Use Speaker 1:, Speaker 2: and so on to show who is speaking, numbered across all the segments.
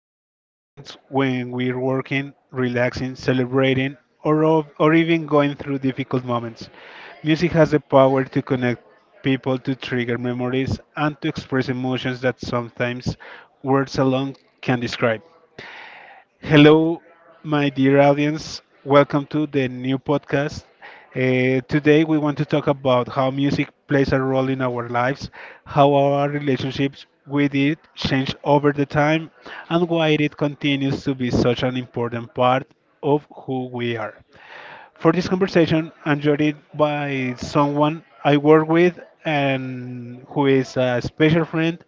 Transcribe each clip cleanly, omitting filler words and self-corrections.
Speaker 1: It's present when we're working, relaxing, celebrating, or or even going through difficult moments. Music has the power to connect people, to trigger memories, and to express emotions that sometimes words alone can describe. Hello, my dear audience. Welcome to the new podcast. Today, we want to talk about how music plays a role in our lives, how our relationships with it change over the time, and why it continues to be such an important part of who we are. For this conversation, I'm joined by someone I work with and who is a special friend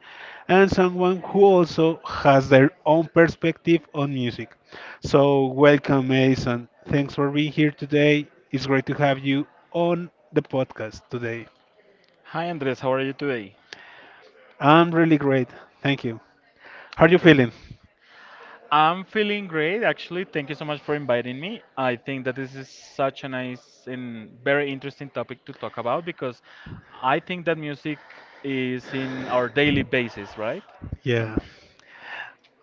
Speaker 1: and someone who also has their own perspective on music. So, welcome, Mason. Thanks for being here today. It's great to have you on the podcast today.
Speaker 2: Hi Andres, how are you today?
Speaker 1: I'm really great. Thank you. How are you
Speaker 2: Okay.
Speaker 1: feeling?
Speaker 2: I'm feeling great actually. Thank you so much for inviting me. I think that this is such a nice and very interesting topic to talk about because I think that music is in our daily basis, right?
Speaker 1: Yeah.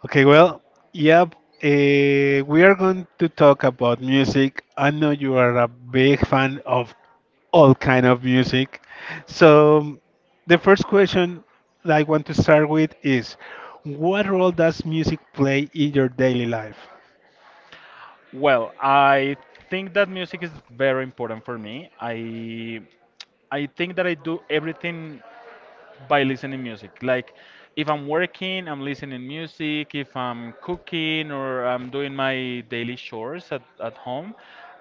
Speaker 1: Okay, well, yep. We are going to talk about music. I know you are a big fan of all kind of music. So the first question that I want to start with is, what role does music play in your daily life?
Speaker 2: Well, I think that music is very important for me. I think that I do everything by listening music. Like if I'm working, I'm listening music. If I'm cooking or I'm doing my daily chores at home,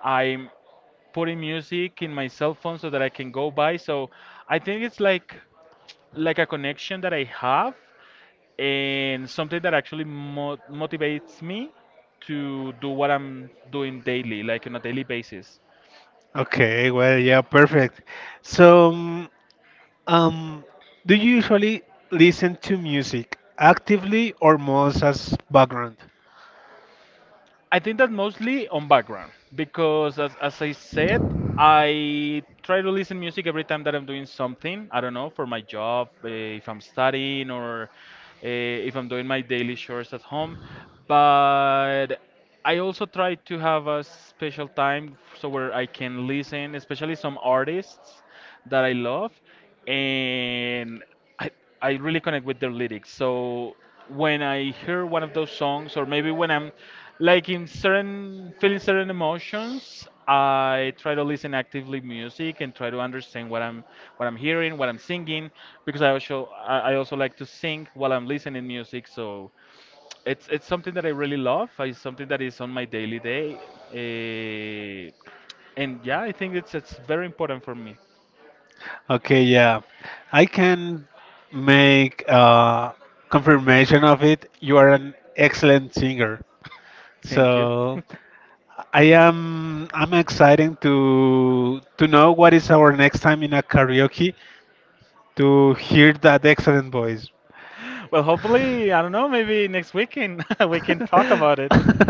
Speaker 2: I'm putting music in my cell phone so that I can go by. So I think it's like a connection that I have and something that actually motivates me to do what I'm doing daily, like on a daily basis.
Speaker 1: Okay, well, yeah, perfect. So, um, do you usually listen to music actively or most as background?
Speaker 2: I think that mostly on background because, as I said, I try to listen music every time that I'm doing something. I don't know for my job, if I'm studying or if I'm doing my daily chores at home. But I also try to have a special time so where I can listen, especially some artists that I love, and I I really connect with their lyrics. So when I hear one of those songs, or maybe when I'm like in certain feeling certain emotions, I try to listen actively music and try to understand what I'm hearing, what I'm singing, because I also like to sing while I'm listening music. So it's something that I really love. It's something that is on my daily day. eh, and yeah, I think it's very important for me.
Speaker 1: Okay, yeah, I can make confirmation of it. You are an excellent singer.
Speaker 2: Thank you.
Speaker 1: So I am I'm excited to know what is our next time in a karaoke to hear that excellent voice.
Speaker 2: Well, hopefully, I don't know, maybe next weekend we can talk about it.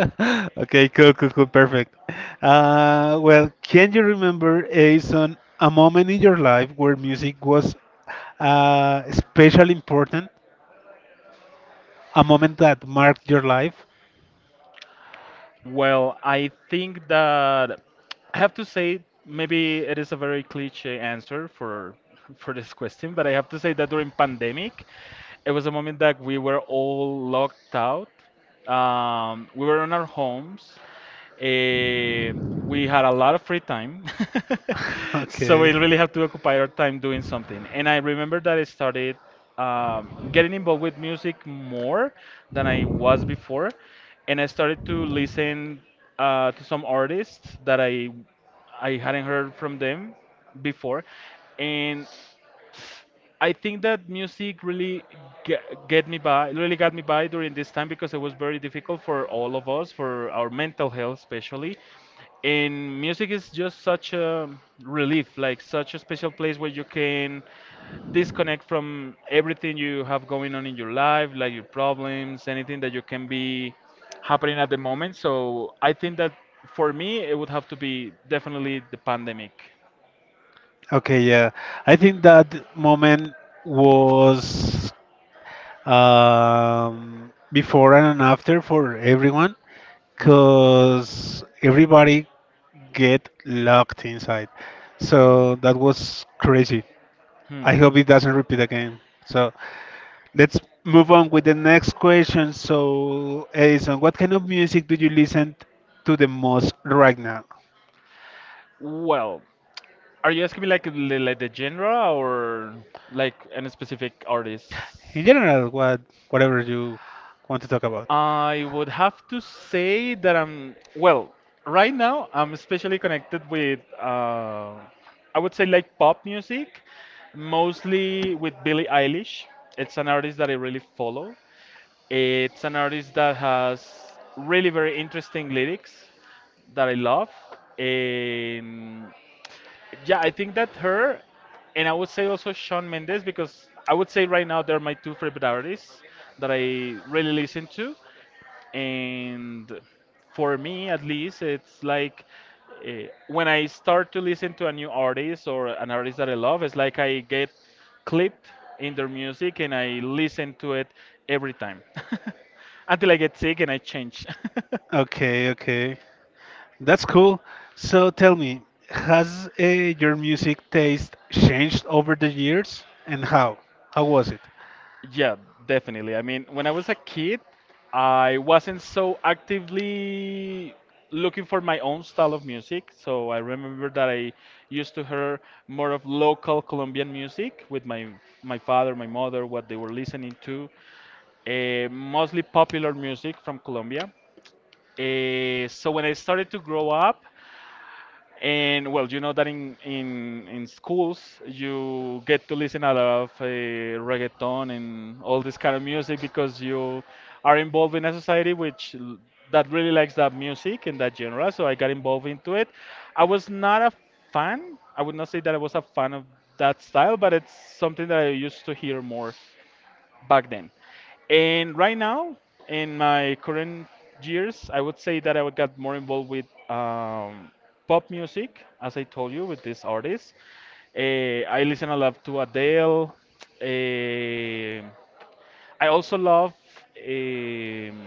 Speaker 1: Okay, cool, cool, cool, perfect. Well, can you remember, Aison, a moment in your life where music was especially important, a moment that marked your life?
Speaker 2: Well, I think that. I have to say, maybe it is a very cliche answer for for this question, but I have to say that during pandemic, it was a moment that we were all locked out. We were in our homes. Eh, we had a lot of free time,
Speaker 1: So we
Speaker 2: so we really
Speaker 1: okay.
Speaker 2: have to occupy our time doing something. And I remember that I started getting involved with music more than I was before, and I started to listen to some artists that I hadn't heard from them before, and I think that music really get, get me by, really got me by during this time because it was very difficult for all of us, for our mental health especially. And music is just such a relief, like such a special place where you can disconnect from everything you have going on in your life, like your problems, anything that you can be happening at the moment. So I think that for me, it would have to be definitely the pandemic.
Speaker 1: Okay, yeah. I think that moment was before and after for everyone
Speaker 2: Hmm.
Speaker 1: because everybody get locked inside. So that was crazy.
Speaker 2: Hmm. Hmm.
Speaker 1: I hope it doesn't repeat again. So let's move on with the next question. So, Edison, what kind of music do you listen to the most right now?
Speaker 2: Well, are you asking me like like the genre or like any specific
Speaker 1: In
Speaker 2: artist?
Speaker 1: general, whatever you want to talk about.
Speaker 2: I would have to say that I'm, well, right now I'm especially connected with, I would say like pop music, mostly with Billie Eilish. It's an artist that I really follow. It's an artist that has really very interesting lyrics that I love. And yeah, I think that her, and I would say also Shawn Mendes because I would say right now they're my two favorite artists that I really listen to. And for me, at least, it's like uh, when I start to listen to a new artist or an artist that I love, it's like I get clipped in their music and I listen to it every time until I get sick and I change.
Speaker 1: Okay, okay. That's cool. So tell me, has your music taste changed over the years and how? How was it?
Speaker 2: Yeah, definitely. I mean, when I was a kid, I wasn't so actively looking for my own style of music. So I remember that I used to hear more of local Colombian music with my father, my mother, what they were listening to, mostly popular music from Colombia. So when I started to grow up, and well, you know that in in schools you get to listen a lot of reggaeton and all this kind of music because you are involved in a society that really likes that music and that genre. So I got involved into it. I was not a fan. I would not say that I was a fan of that style, but it's something that I used to hear more back then. And right now, in my current years, I would say that I got more involved with pop music, as I told you, with this artist. Eh, I listen a lot to Adele. Eh, I also love um,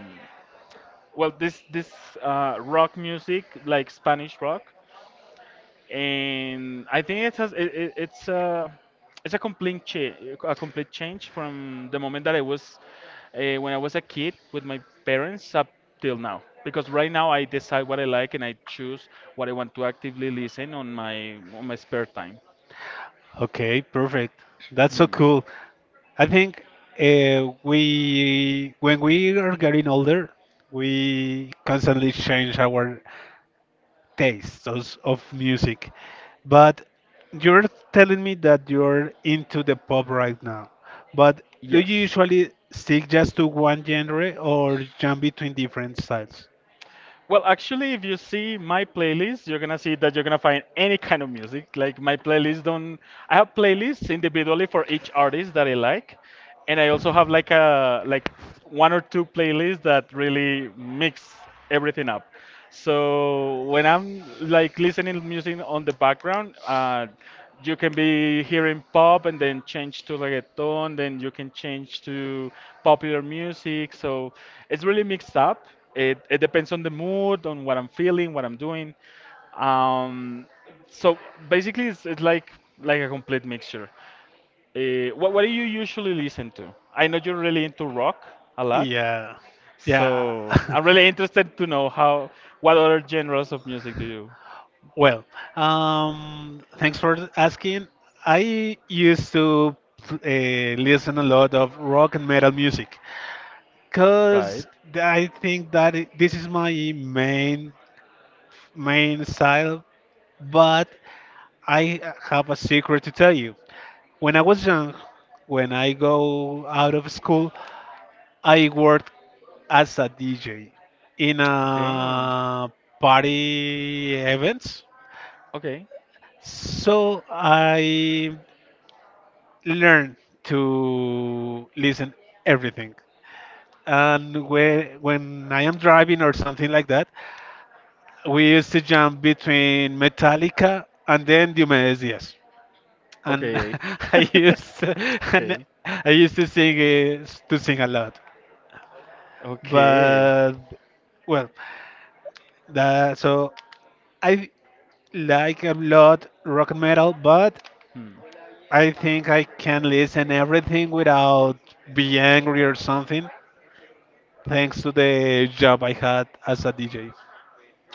Speaker 2: well this rock music like Spanish rock and I think it's a it's a complete cha- a complete change from the moment that I was when I was a kid with my parents up till now. Because right now I decide what I like and I choose what I want to actively listen on my spare time.
Speaker 1: Okay, perfect. That's so
Speaker 2: Hmm.
Speaker 1: cool. I think when we are getting older, we constantly change our tastes of music. But you're telling me that you're into the pop right now. But do you
Speaker 2: Yes.
Speaker 1: usually stick just to one genre or jump between different styles?
Speaker 2: Well, actually, if you see my playlist, you're gonna see that you're gonna find any kind of music. Like my playlist don't. I have playlists individually for each artist that I like, and I also have like a like one or two playlists that really mix everything up. So when I'm like listening music on the background, you can be hearing pop and then change to reggaeton, then you can change to popular music. So it's really mixed up. It depends on the mood, on what I'm feeling, what I'm doing. Um, so basically, it's like a complete mixture. What do you usually listen to? I know you're really into rock a lot.
Speaker 1: Yeah, yeah.
Speaker 2: So I'm really interested to know how what other genres of music do you
Speaker 1: Well, thanks for asking. I used to listen a lot of rock and metal music
Speaker 2: write?
Speaker 1: because I think that this is my main main style. But I have a secret to tell you. When I was young, when I go out of school, I worked as a DJ in
Speaker 2: Okay,
Speaker 1: a party events.
Speaker 2: okay,
Speaker 1: So I learn to listen everything. And when I am driving or something like that, we used to jump between Metallica and then Diomedes Diaz. And
Speaker 2: okay,
Speaker 1: I used to, and
Speaker 2: okay,
Speaker 1: I used to sing to sing a lot.
Speaker 2: okay.
Speaker 1: But well, that, so I like a lot rock and metal, but
Speaker 2: Hmm.
Speaker 1: I think I can listen everything without be angry or something, thanks to the job I had as a DJ.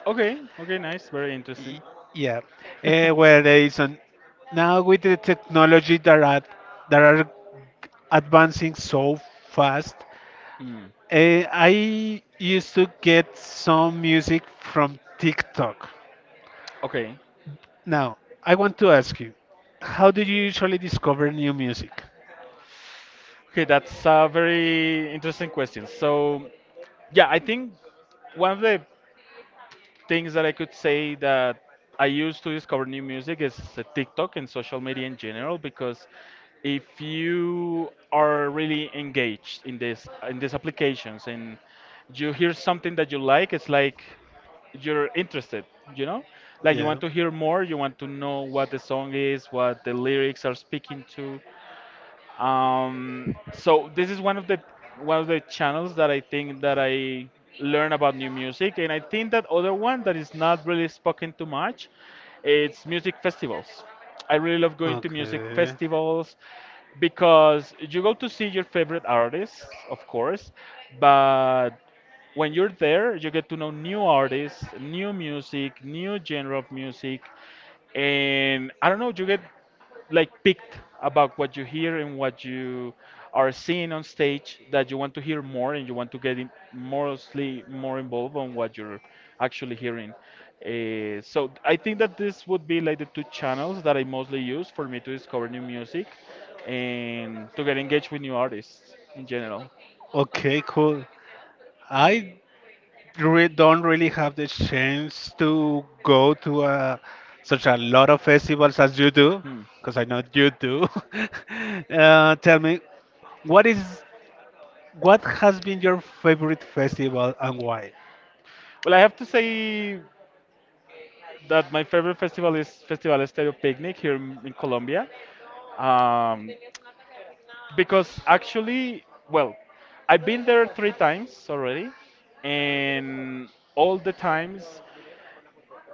Speaker 2: Okay, okay, nice, very interesting.
Speaker 1: Yeah. Eh, well, Edison, now with the technology that are advancing so fast,
Speaker 2: Hmm.
Speaker 1: I used to get some music from TikTok.
Speaker 2: Okay,
Speaker 1: Now, I want to ask you, how do you usually discover new music?
Speaker 2: okay, that's a very interesting question. So yeah, I think one of the things that I could say that I use to discover new music is TikTok and social media in general because if you are really engaged in this in these applications and you hear something that you like, it's like you're interested, you know? Like you
Speaker 1: Yeah.
Speaker 2: want to hear more, you want to know what the song is, what the lyrics are speaking to. So this is one of the channels that I think that I learn about new music, and I think that other one that is not really spoken too much, it's music festivals. I really love going to music
Speaker 1: Okay.
Speaker 2: festivals because you go to see your favorite artists, of course, but when you're there, you get to know new artists, new music, new genre of music, and I don't know, you get like picked about what you hear and what you are seeing on stage that you want to hear more and you want to get in mostly more involved on what you're actually hearing. So I think that this would be like the two channels that I mostly use for me to discover new music and to get engaged with new artists in general.
Speaker 1: Okay, cool. I re don't really have the chance to go to such a lot of festivals as you do,
Speaker 2: Hmm.
Speaker 1: because I know you do. Tell me, what is what has been your favorite festival and why?
Speaker 2: Well, I have to say that my favorite festival is Festival Estéreo Picnic here in Colombia. Um, because actually, well, I've been there three times already, and all the times,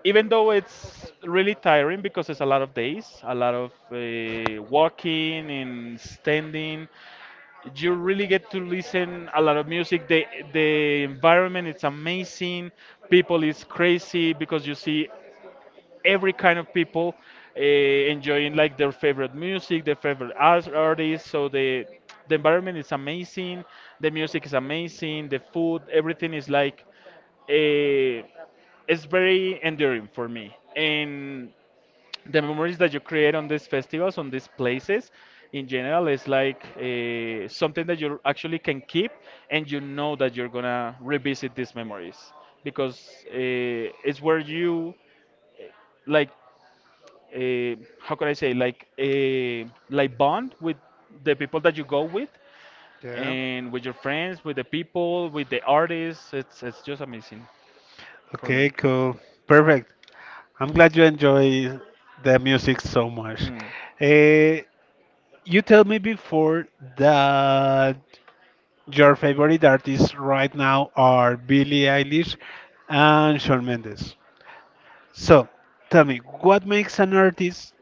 Speaker 2: even though it's really tiring because it's a lot of days, a lot of walking and standing, you really get to listen a lot of music. The environment it's amazing. People is crazy because you see every kind of people enjoying like their favorite music, their favorite artists. So the environment is amazing, the music is amazing, the food, everything is like uh, it's very enduring for me. And the memories that you create on these festivals, on these places, in general, is like something that you actually can keep, and you know that you're gonna revisit these memories because it's where you like how could I say like a like bond with the people that you go with
Speaker 1: Yeah.
Speaker 2: and with your friends, with the people, with the artists. It's just amazing for
Speaker 1: Okay,
Speaker 2: me.
Speaker 1: cool. Perfect. I'm glad you enjoy the music so much.
Speaker 2: Hmm.
Speaker 1: Eh, you told me before that your favorite artists right now are Billie Eilish and Shawn Mendes. So, tell me, what makes an artist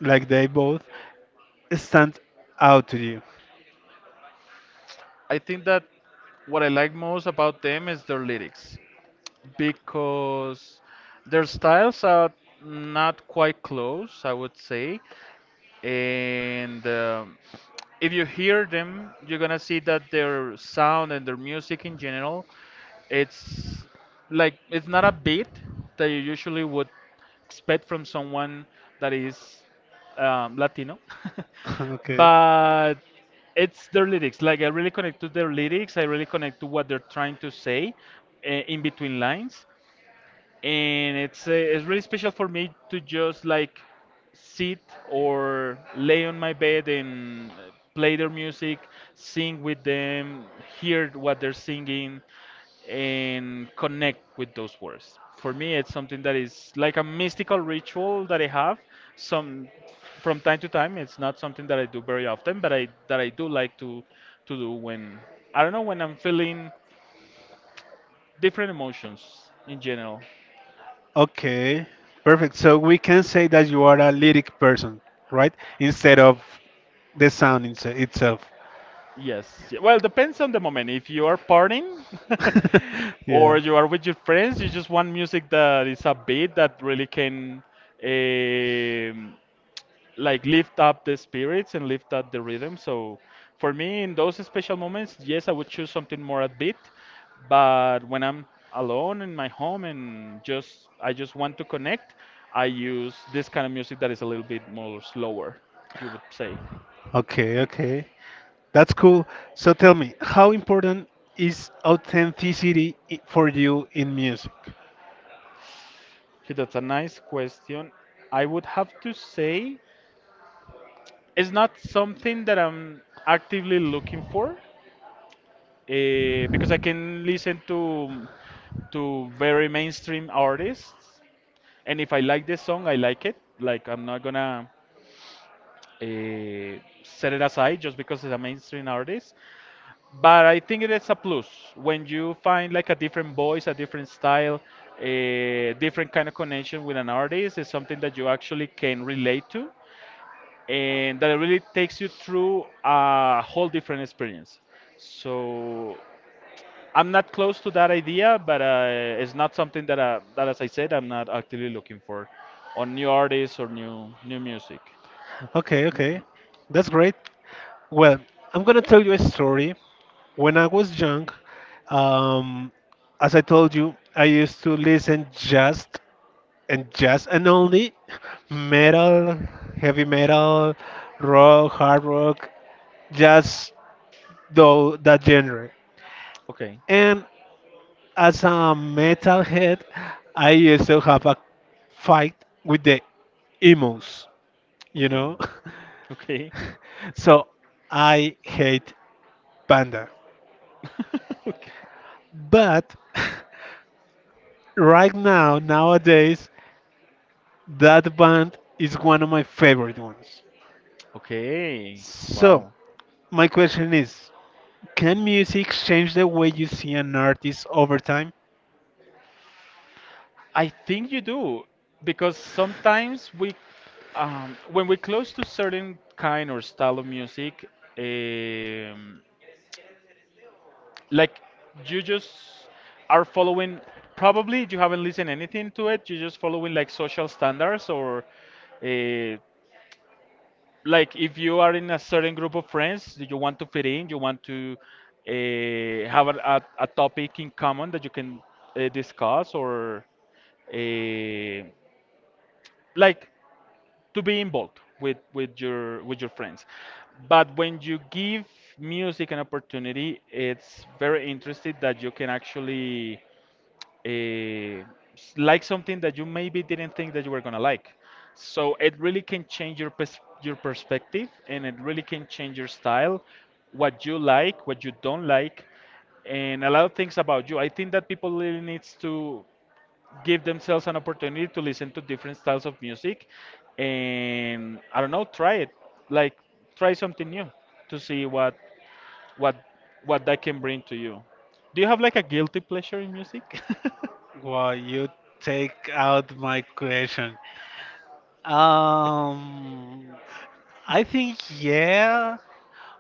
Speaker 1: like they both stand out to you?
Speaker 2: I think that what I like most about them is their lyrics because their styles are not quite close, I would say. And if you hear them, you're gonna see that their sound and their music in general, it's like it's not a beat that you usually would expect from someone that is Latino,
Speaker 1: Okay.
Speaker 2: but it's their lyrics. Like I really connect to their lyrics. I really connect to what they're trying to say in between lines and it's really special for me to just like sit or lay on my bed and play their music, sing with them, hear what they're singing, and connect with those words. For me, it's something that is like a mystical ritual that I have. Some From time to time, it's not something that I do very often, but I do like to do when I don't know when I'm feeling different emotions in general.
Speaker 1: Okay, perfect. So we can say that you are a lyric person, right? Instead of the sound in itself.
Speaker 2: Yes. Well, depends on the moment. If you are partying
Speaker 1: Yeah.
Speaker 2: or you are with your friends, you just want music that is a beat that really can um, like lift up the spirits and lift up the rhythm. So for me, in those special moments, yes, I would choose something more upbeat. But when I'm alone in my home and just I just want to connect, I use this kind of music that is a little bit more slower, you would say.
Speaker 1: Okay, okay. That's cool. So tell me, how important is authenticity for you in music?
Speaker 2: He, that's a nice question. I would have to say it's not something that I'm actively looking for because I can listen to very mainstream artists, and if I like the song, I like it. Like I'm not gonna uh, set it aside just because it's a mainstream artist. But I think it is a plus when you find like a different voice, a different style, a different kind of connection with an artist. Is something that you actually can relate to and that really takes you through a whole different experience. So I'm not close to that idea, but it's not something that, as I said, I'm not actively looking for on new artists or new music.
Speaker 1: Okay, okay. That's great. Well, I'm gonna tell you a story. When I was young, um, as I told you, I used to listen just and only metal, heavy metal, rock, hard rock, just though that genre.
Speaker 2: Okay,
Speaker 1: And as a metalhead, I used to have a fight with the emos, you
Speaker 2: okay,
Speaker 1: know.
Speaker 2: okay,
Speaker 1: So I hate Panda,
Speaker 2: okay,
Speaker 1: but right now nowadays that band is one of my favorite ones.
Speaker 2: okay.
Speaker 1: So,
Speaker 2: Wow.
Speaker 1: my question is, can music change the way you see an artist over time?
Speaker 2: I think you do because sometimes we when we close to certain kind or style of music, um, like you just are following probably you haven't listened anything to it you're just following like social standards or uh, like if you are in a certain group of friends that you want to fit in you want to have a topic in common that you can discuss or uh, like to be involved with your friends but when you give music an opportunity it's very interesting that you can actually uh, like something that you maybe didn't think that you were gonna like. So it really can change your perspective, and it really can change your style, what you like, what you don't like, and a lot of things about you. I think that people really needs to give themselves an opportunity to listen to different styles of music and I don't know, try it. Like try something new to see what what what that can bring to you. Do you have like a guilty pleasure in music?
Speaker 1: Well, you take out my question. Um, I think, yeah.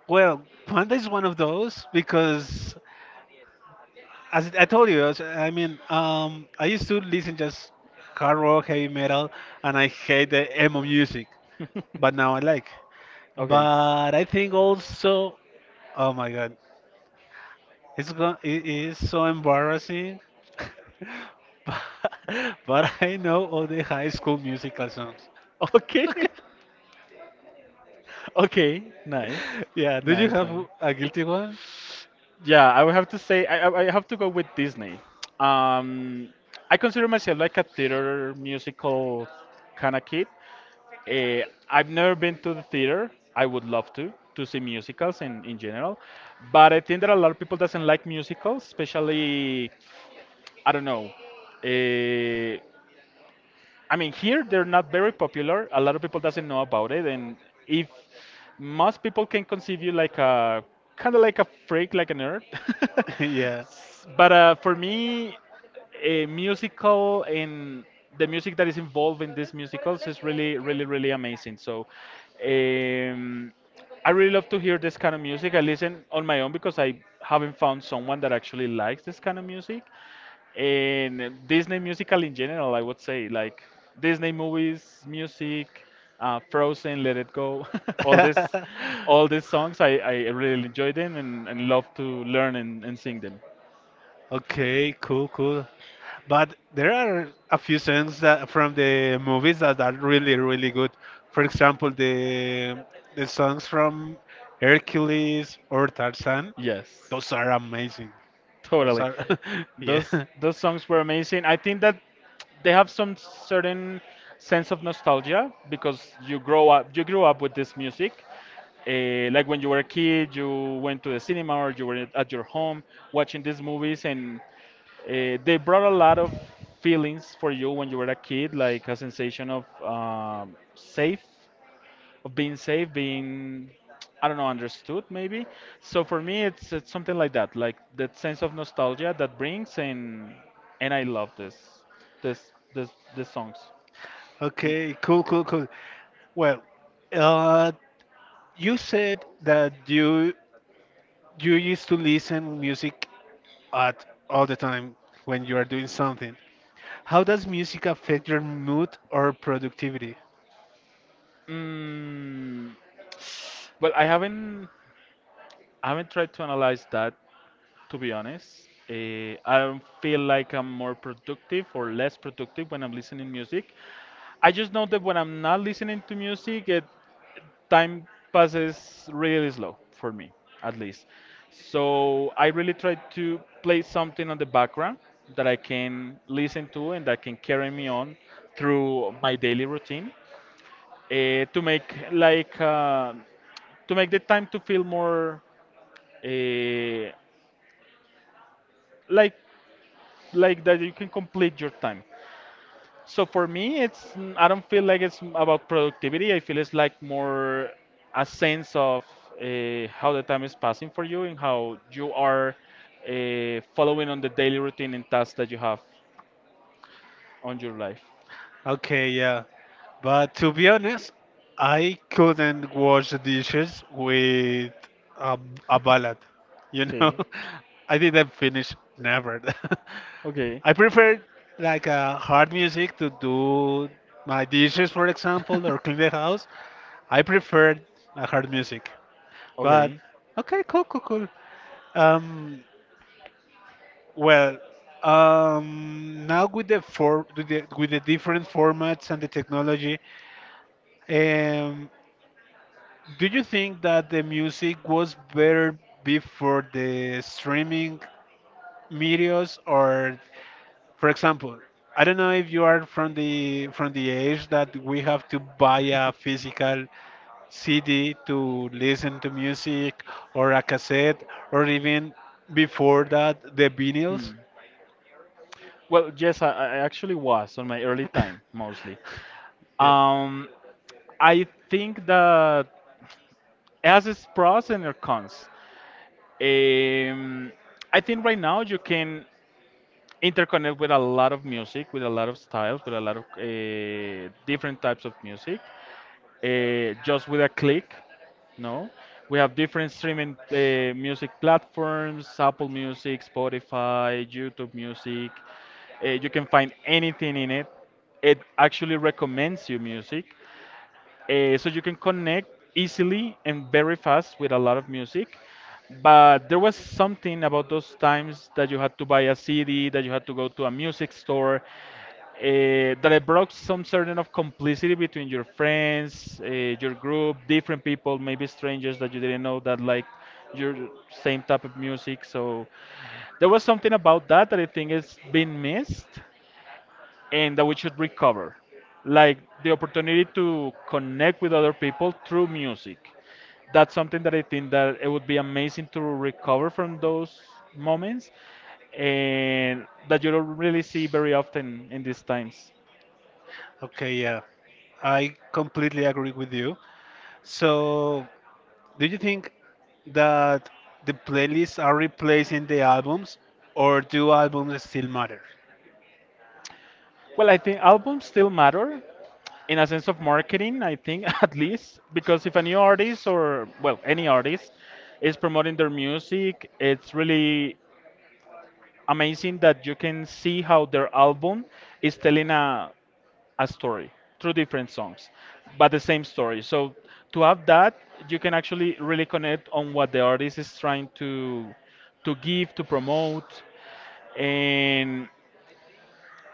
Speaker 1: Well, Panda is one of those because, as I told you, I used to listen just hard rock, heavy metal, and I hate the emo music, but now I like.
Speaker 2: Okay.
Speaker 1: But I think also, oh my God, it is so embarrassing. but, but I know all the High School Musical songs.
Speaker 2: Okay. Okay. Nice.
Speaker 1: Yeah, do you
Speaker 2: Nice,
Speaker 1: have
Speaker 2: nice.
Speaker 1: a guilty one?
Speaker 2: Yeah, I would have to say I have to go with Disney. Um I consider myself like a theater musical kind of kid. Eh, I've never been to the theater. I would love to see musicals in general, but I think that a lot of people doesn't like musicals, especially I don't know. Uh, I mean, here they're not very popular. A lot of people doesn't know about it, and if most people can conceive you like a kind of like a freak, like a nerd.
Speaker 1: Yeah.
Speaker 2: But for me, a musical and the music that is involved in these musicals is really, really, really amazing. So, um, I really love to hear this kind of music. I listen on my own because I haven't found someone that actually likes this kind of music. And Disney musical in general, I would say, like Disney movies, music, Frozen, Let It Go, all this, all these songs, I really enjoy them and love to learn and sing them.
Speaker 1: Okay, cool, cool. But there are a few songs that from the movies that are really, really good. For example, the songs from Hercules or Tarzan,
Speaker 2: Yes.
Speaker 1: those are amazing. Oh,
Speaker 2: Totally.
Speaker 1: sorry.
Speaker 2: Those
Speaker 1: Yeah.
Speaker 2: those songs were amazing. I think that they have some certain sense of nostalgia because you grew up with this music. Like when you were a kid, you went to the cinema or you were at your home watching these movies, and they brought a lot of feelings for you when you were a kid, like a sensation of safe of being safe, being I don't know, understood maybe. So for me, it's something like that sense of nostalgia that brings, and I love this, this songs.
Speaker 1: Okay, cool, cool, cool. Well, uh, you said that you used to listen music at all the time when you are doing something. How does music affect your mood or productivity?
Speaker 2: Mm, well, I haven't tried to analyze that, to be honest. I don't feel like I'm more productive or less productive when I'm listening music. I just know that when I'm not listening to music, it time passes really slow for me, at least. So I really try to play something on the background that I can listen to and that can carry me on through my daily routine uh, to make like uh, to make the time to feel more uh, like like that you can complete your time. So for me, I don't feel like about productivity. I feel it's like more a sense of how the time is passing for you and how you are following on the daily routine and tasks that you have on your life.
Speaker 1: Okay, yeah. But to be honest, I couldn't wash the dishes with a, a ballad. You know,
Speaker 2: Okay.
Speaker 1: I didn't finish never.
Speaker 2: Okay.
Speaker 1: I prefer like hard music to do my dishes, for example, or clean the house. I prefer hard music. But
Speaker 2: Okay.
Speaker 1: okay, cool, cool, cool. Um, well, now with with the different formats and the technology, um, do you think that the music was better before the streaming medias, or, for example, I don't know if you are from the age that we have to buy a physical CD to listen to music, or a cassette, or even before that the
Speaker 2: Hmm.
Speaker 1: vinyls.
Speaker 2: Well, yes, I actually was on my early time mostly.
Speaker 1: Yeah.
Speaker 2: Um, I think that it has its pros and its cons. Um, I think right now you can interconnect with a lot of music, with a lot of styles, with a lot of different types of music, just with a click. No, we have different streaming music platforms: Apple Music, Spotify, YouTube Music. You can find anything in it. It actually recommends you music. So you can connect easily and very fast with a lot of music. But there was something about those times that you had to buy a CD, that you had to go to a music store, that it brought some certain of complicity between your friends, your group, different people, maybe strangers that you didn't know that like your same type of music. So there was something about that that I think is being missed and that we should recover like the opportunity to connect with other people through music. That's something that I think that it would be amazing to recover from those moments and that you don't really see very often in these times.
Speaker 1: Okay, yeah. I completely agree with you. So, do you think that the playlists are replacing the albums, or do albums still matter?
Speaker 2: Well, I think albums still matter in a sense of marketing I think at least because if a new artist or well any artist is promoting their music it's really amazing that you can see how their album is telling a story through different songs, but the same story. So to have that, you can actually really connect on what the artist is trying to give, to promote, and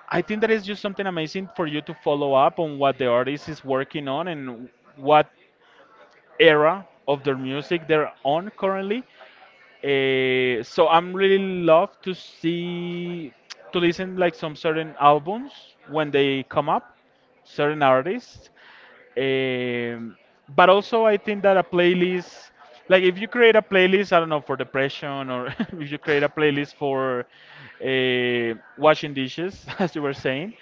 Speaker 2: I think that is just something amazing for you to follow up on what the artist is working on and what era of their music they're on currently. So I'm really love to see to listen like some certain albums when they come up, certain artists. Um, but also I think that a playlist, like if you create a playlist, I don't know for depression or if you create a playlist for washing dishes, as you were saying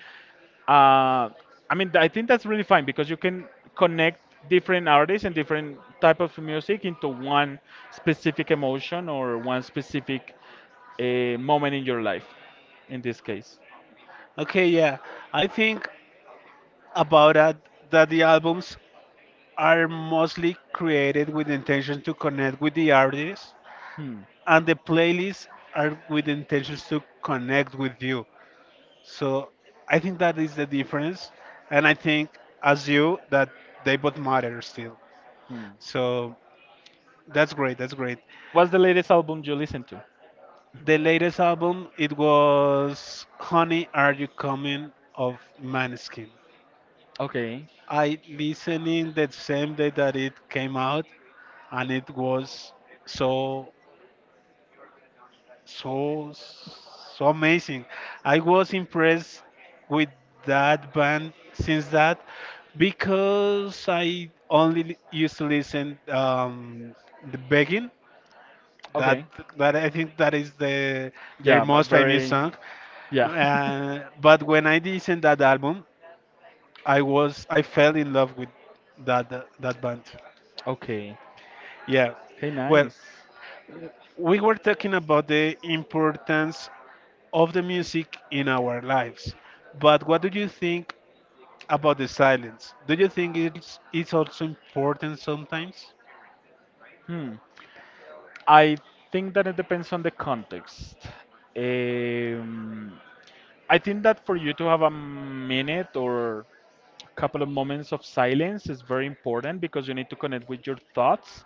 Speaker 2: uh, I mean, I think that's really fine because you can connect different artists and different type of music into one specific emotion or one specific moment in your life. In this case,
Speaker 1: Okay, yeah. I think about that that the albums are mostly created with the intention to connect with the artist,
Speaker 2: hmm.
Speaker 1: and the playlists are with intentions to connect with you. So I think that is the difference, and I think as you that they both matter still.
Speaker 2: Hmm.
Speaker 1: So that's great. That's great.
Speaker 2: What's the latest album you listen to?
Speaker 1: The latest album it was "Honey, Are You Coming" of Maneskin.
Speaker 2: Okay,
Speaker 1: I listening the same day that it came out, and it was so so so amazing. I was impressed with that band since that because I only used to listen the begging that
Speaker 2: okay,
Speaker 1: I think that is the their
Speaker 2: yeah, but
Speaker 1: most famous
Speaker 2: very,
Speaker 1: song.
Speaker 2: yeah,
Speaker 1: But when I listened that album, I fell in love with that band.
Speaker 2: okay,
Speaker 1: Yeah.
Speaker 2: okay,
Speaker 1: Well,
Speaker 2: nice.
Speaker 1: we were talking about the importance of the music in our lives. But what do you think about the silence? Do you think it's also important sometimes?
Speaker 2: Hmm. I think that it depends on the context. Um, I think that for you to have a minute or couple of moments of silence is very important because you need to connect with your thoughts,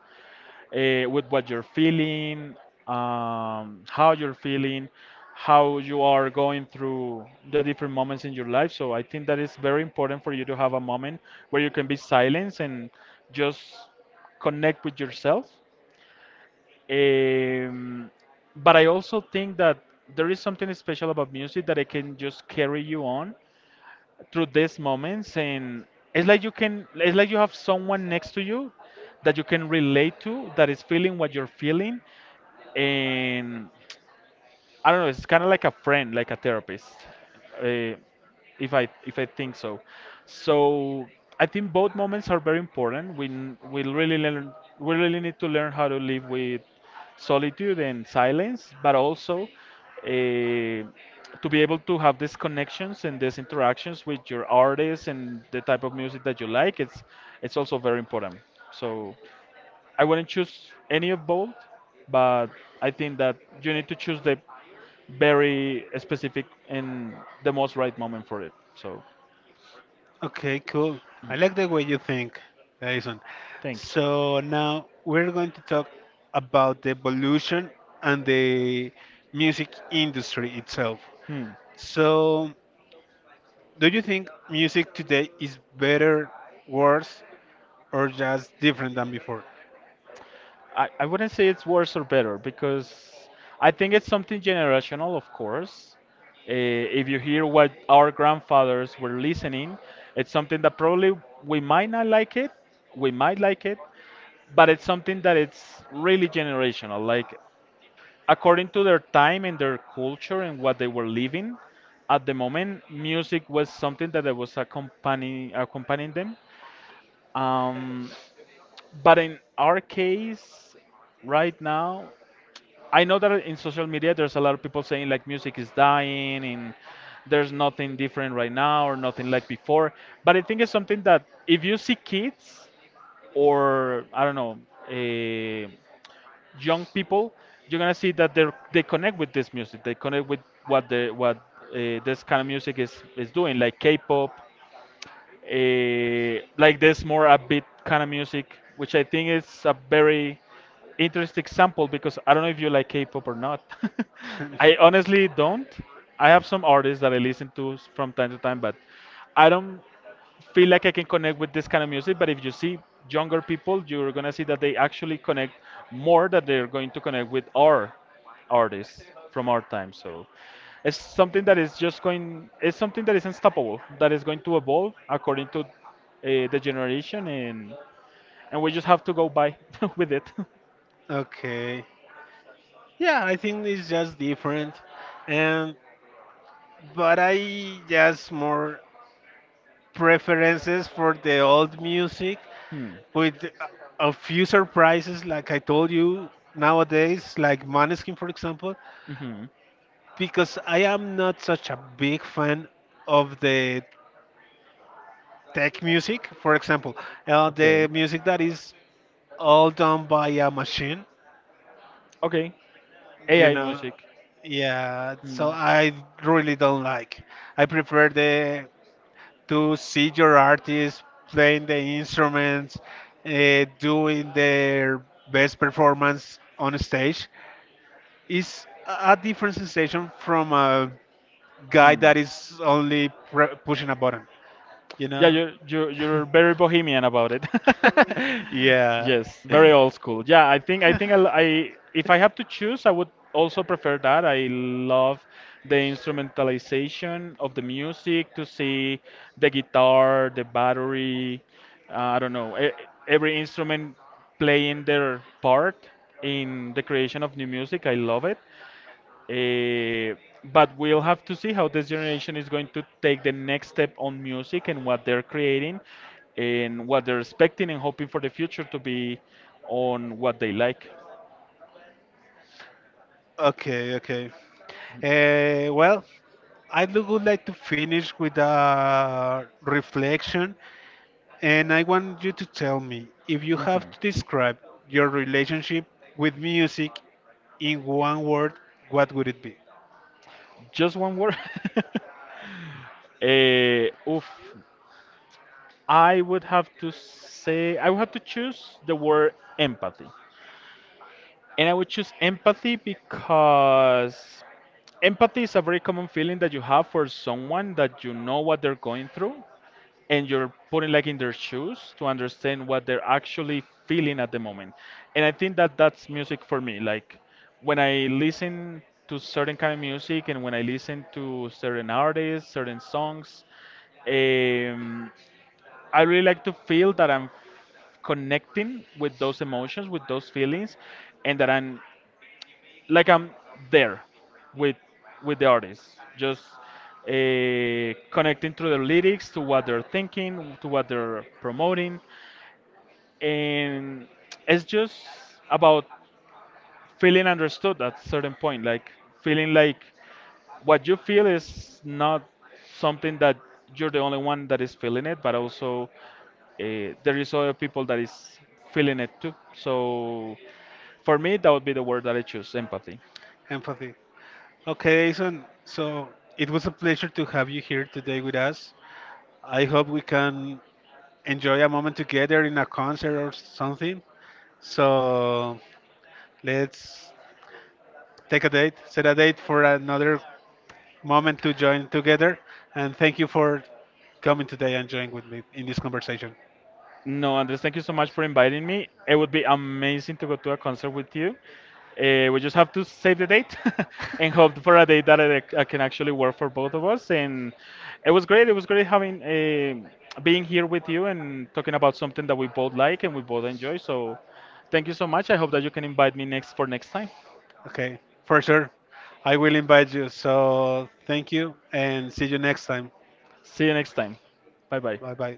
Speaker 2: with what you're feeling, how you're feeling, how you are going through the different moments in your life. So I think that it's very important for you to have a moment where you can be silent and just connect with yourself um, but I also think that there is something special about music that it can just carry you on through these moments, and it's like you can, it's like you have someone next to you that you can relate to, that is feeling what you're feeling, and I don't know. It's kind of like a friend, like a therapist, uh, if I think so. So I think both moments are very important. We really learn we really need to learn how to live with solitude and silence, but also uh, to be able to have these connections and these interactions with your artists and the type of music that you like. It's also very important. So. I wouldn't choose any of both, but I think that you need to choose the very specific and the most right moment for it. So,
Speaker 1: Okay, cool. I like the way you think, Jason.
Speaker 2: thank you.
Speaker 1: So now we're going to talk about the evolution and the music industry itself.
Speaker 2: Hmm.
Speaker 1: So, do you think music today is better, worse, or just different than before?
Speaker 2: I wouldn't say it's worse or better because I think it's something generational, of course. If you hear what our grandfathers were listening, it's something that probably we might not like it, we might like it, but it's something that it's really generational. Like according to their time and their culture and what they were living at the moment, music was something that I was accompanying them, um, but in our case right now, I know that in social media there's a lot of people saying like music is dying and there's nothing different right now or nothing like before. But I think it's something that if you see kids or I don't know, eh, young people, you're gonna see that they connect with this music. They connect with what this kind of music is doing, like K-pop, like this more upbeat kind of music, which I think is a very interesting example because I don't know if you like K-pop or not. I honestly don't. I have some artists that I listen to s- from time to time, but I don't feel like I can connect with this kind of music. But if you see younger people, you're gonna see that they actually connect more, that they're going to connect with our artists from our time. So it's something that is just going. It's something that is unstoppable. That is going to evolve according to the generation, and we just have to go by with it.
Speaker 1: Okay. Yeah, I think it's just different, and but I just more preferences for the old music
Speaker 2: Hmm.
Speaker 1: with a few surprises, like I told you nowadays, like Maneskin, for example,
Speaker 2: Hmm.
Speaker 1: because I am not such a big fan of the tech music, for example,
Speaker 2: Okay.
Speaker 1: the music that is all done by a machine,
Speaker 2: Okay.
Speaker 1: you
Speaker 2: AI
Speaker 1: know.
Speaker 2: music.
Speaker 1: Yeah,
Speaker 2: Hmm.
Speaker 1: so I really don't like. I prefer the to see your artists playing the instruments, doing their best performance on stage is a different sensation from a guy
Speaker 2: Hmm.
Speaker 1: that is only pushing a button, you
Speaker 2: Yeah,
Speaker 1: know?
Speaker 2: you're very bohemian about it.
Speaker 1: Yeah.
Speaker 2: Yes, very old school. Yeah, I think I'll, I if I have to choose, I would also prefer that. I love the instrumentalization of the music, to see the guitar, the battery, I don't know, e- every instrument playing their part in the creation of new music. I love it. Eh, but we'll have to see how this generation is going to take the next step on music and what they're creating and what they're expecting and hoping for the future to be on what they like.
Speaker 1: Okay, okay. Well, I do would like to finish with a reflection. And I want you to tell me, if you have
Speaker 2: Mhm.
Speaker 1: to describe your relationship with music in one word, what would it be?
Speaker 2: Just one word. Oof. I would have to choose the word empathy. And I would choose empathy because empathy is a very common feeling that you have for someone that you know what they're going through and you're putting like in their shoes to understand what they're actually feeling at the moment. And I think that that's music for me. Like when I listen to certain kind of music and when I listen to certain artists, certain songs, um, I really like to feel that I'm connecting with those emotions, with those feelings, and that I'm there with with the artists, just connecting through the lyrics to what they're thinking, to what they're promoting, and it's just about feeling understood at a certain point, like feeling like what you feel is not something that you're the only one that is feeling it, but also there is other people that is feeling it too. So for me, that would be the word that I choose, empathy.
Speaker 1: Empathy. Okay, Jason, so it was a pleasure to have you here today with us. I hope we can enjoy a moment together in a concert or something. So let's take a date, set a date for another moment to join together. And thank you for coming today and joining with me in this conversation.
Speaker 2: No, Andres, thank you so much for inviting me. It would be amazing to go to a concert with you. We just have to save the date and hope for a date that I can actually work for both of us. And It was great having being here with you and talking about something that we both like and we both enjoy. So, thank you so much. I hope that you can invite me next for next time.
Speaker 1: Okay, for sure. I will invite you. So thank you and see you next time.
Speaker 2: See you next time. Bye bye.
Speaker 1: Bye bye.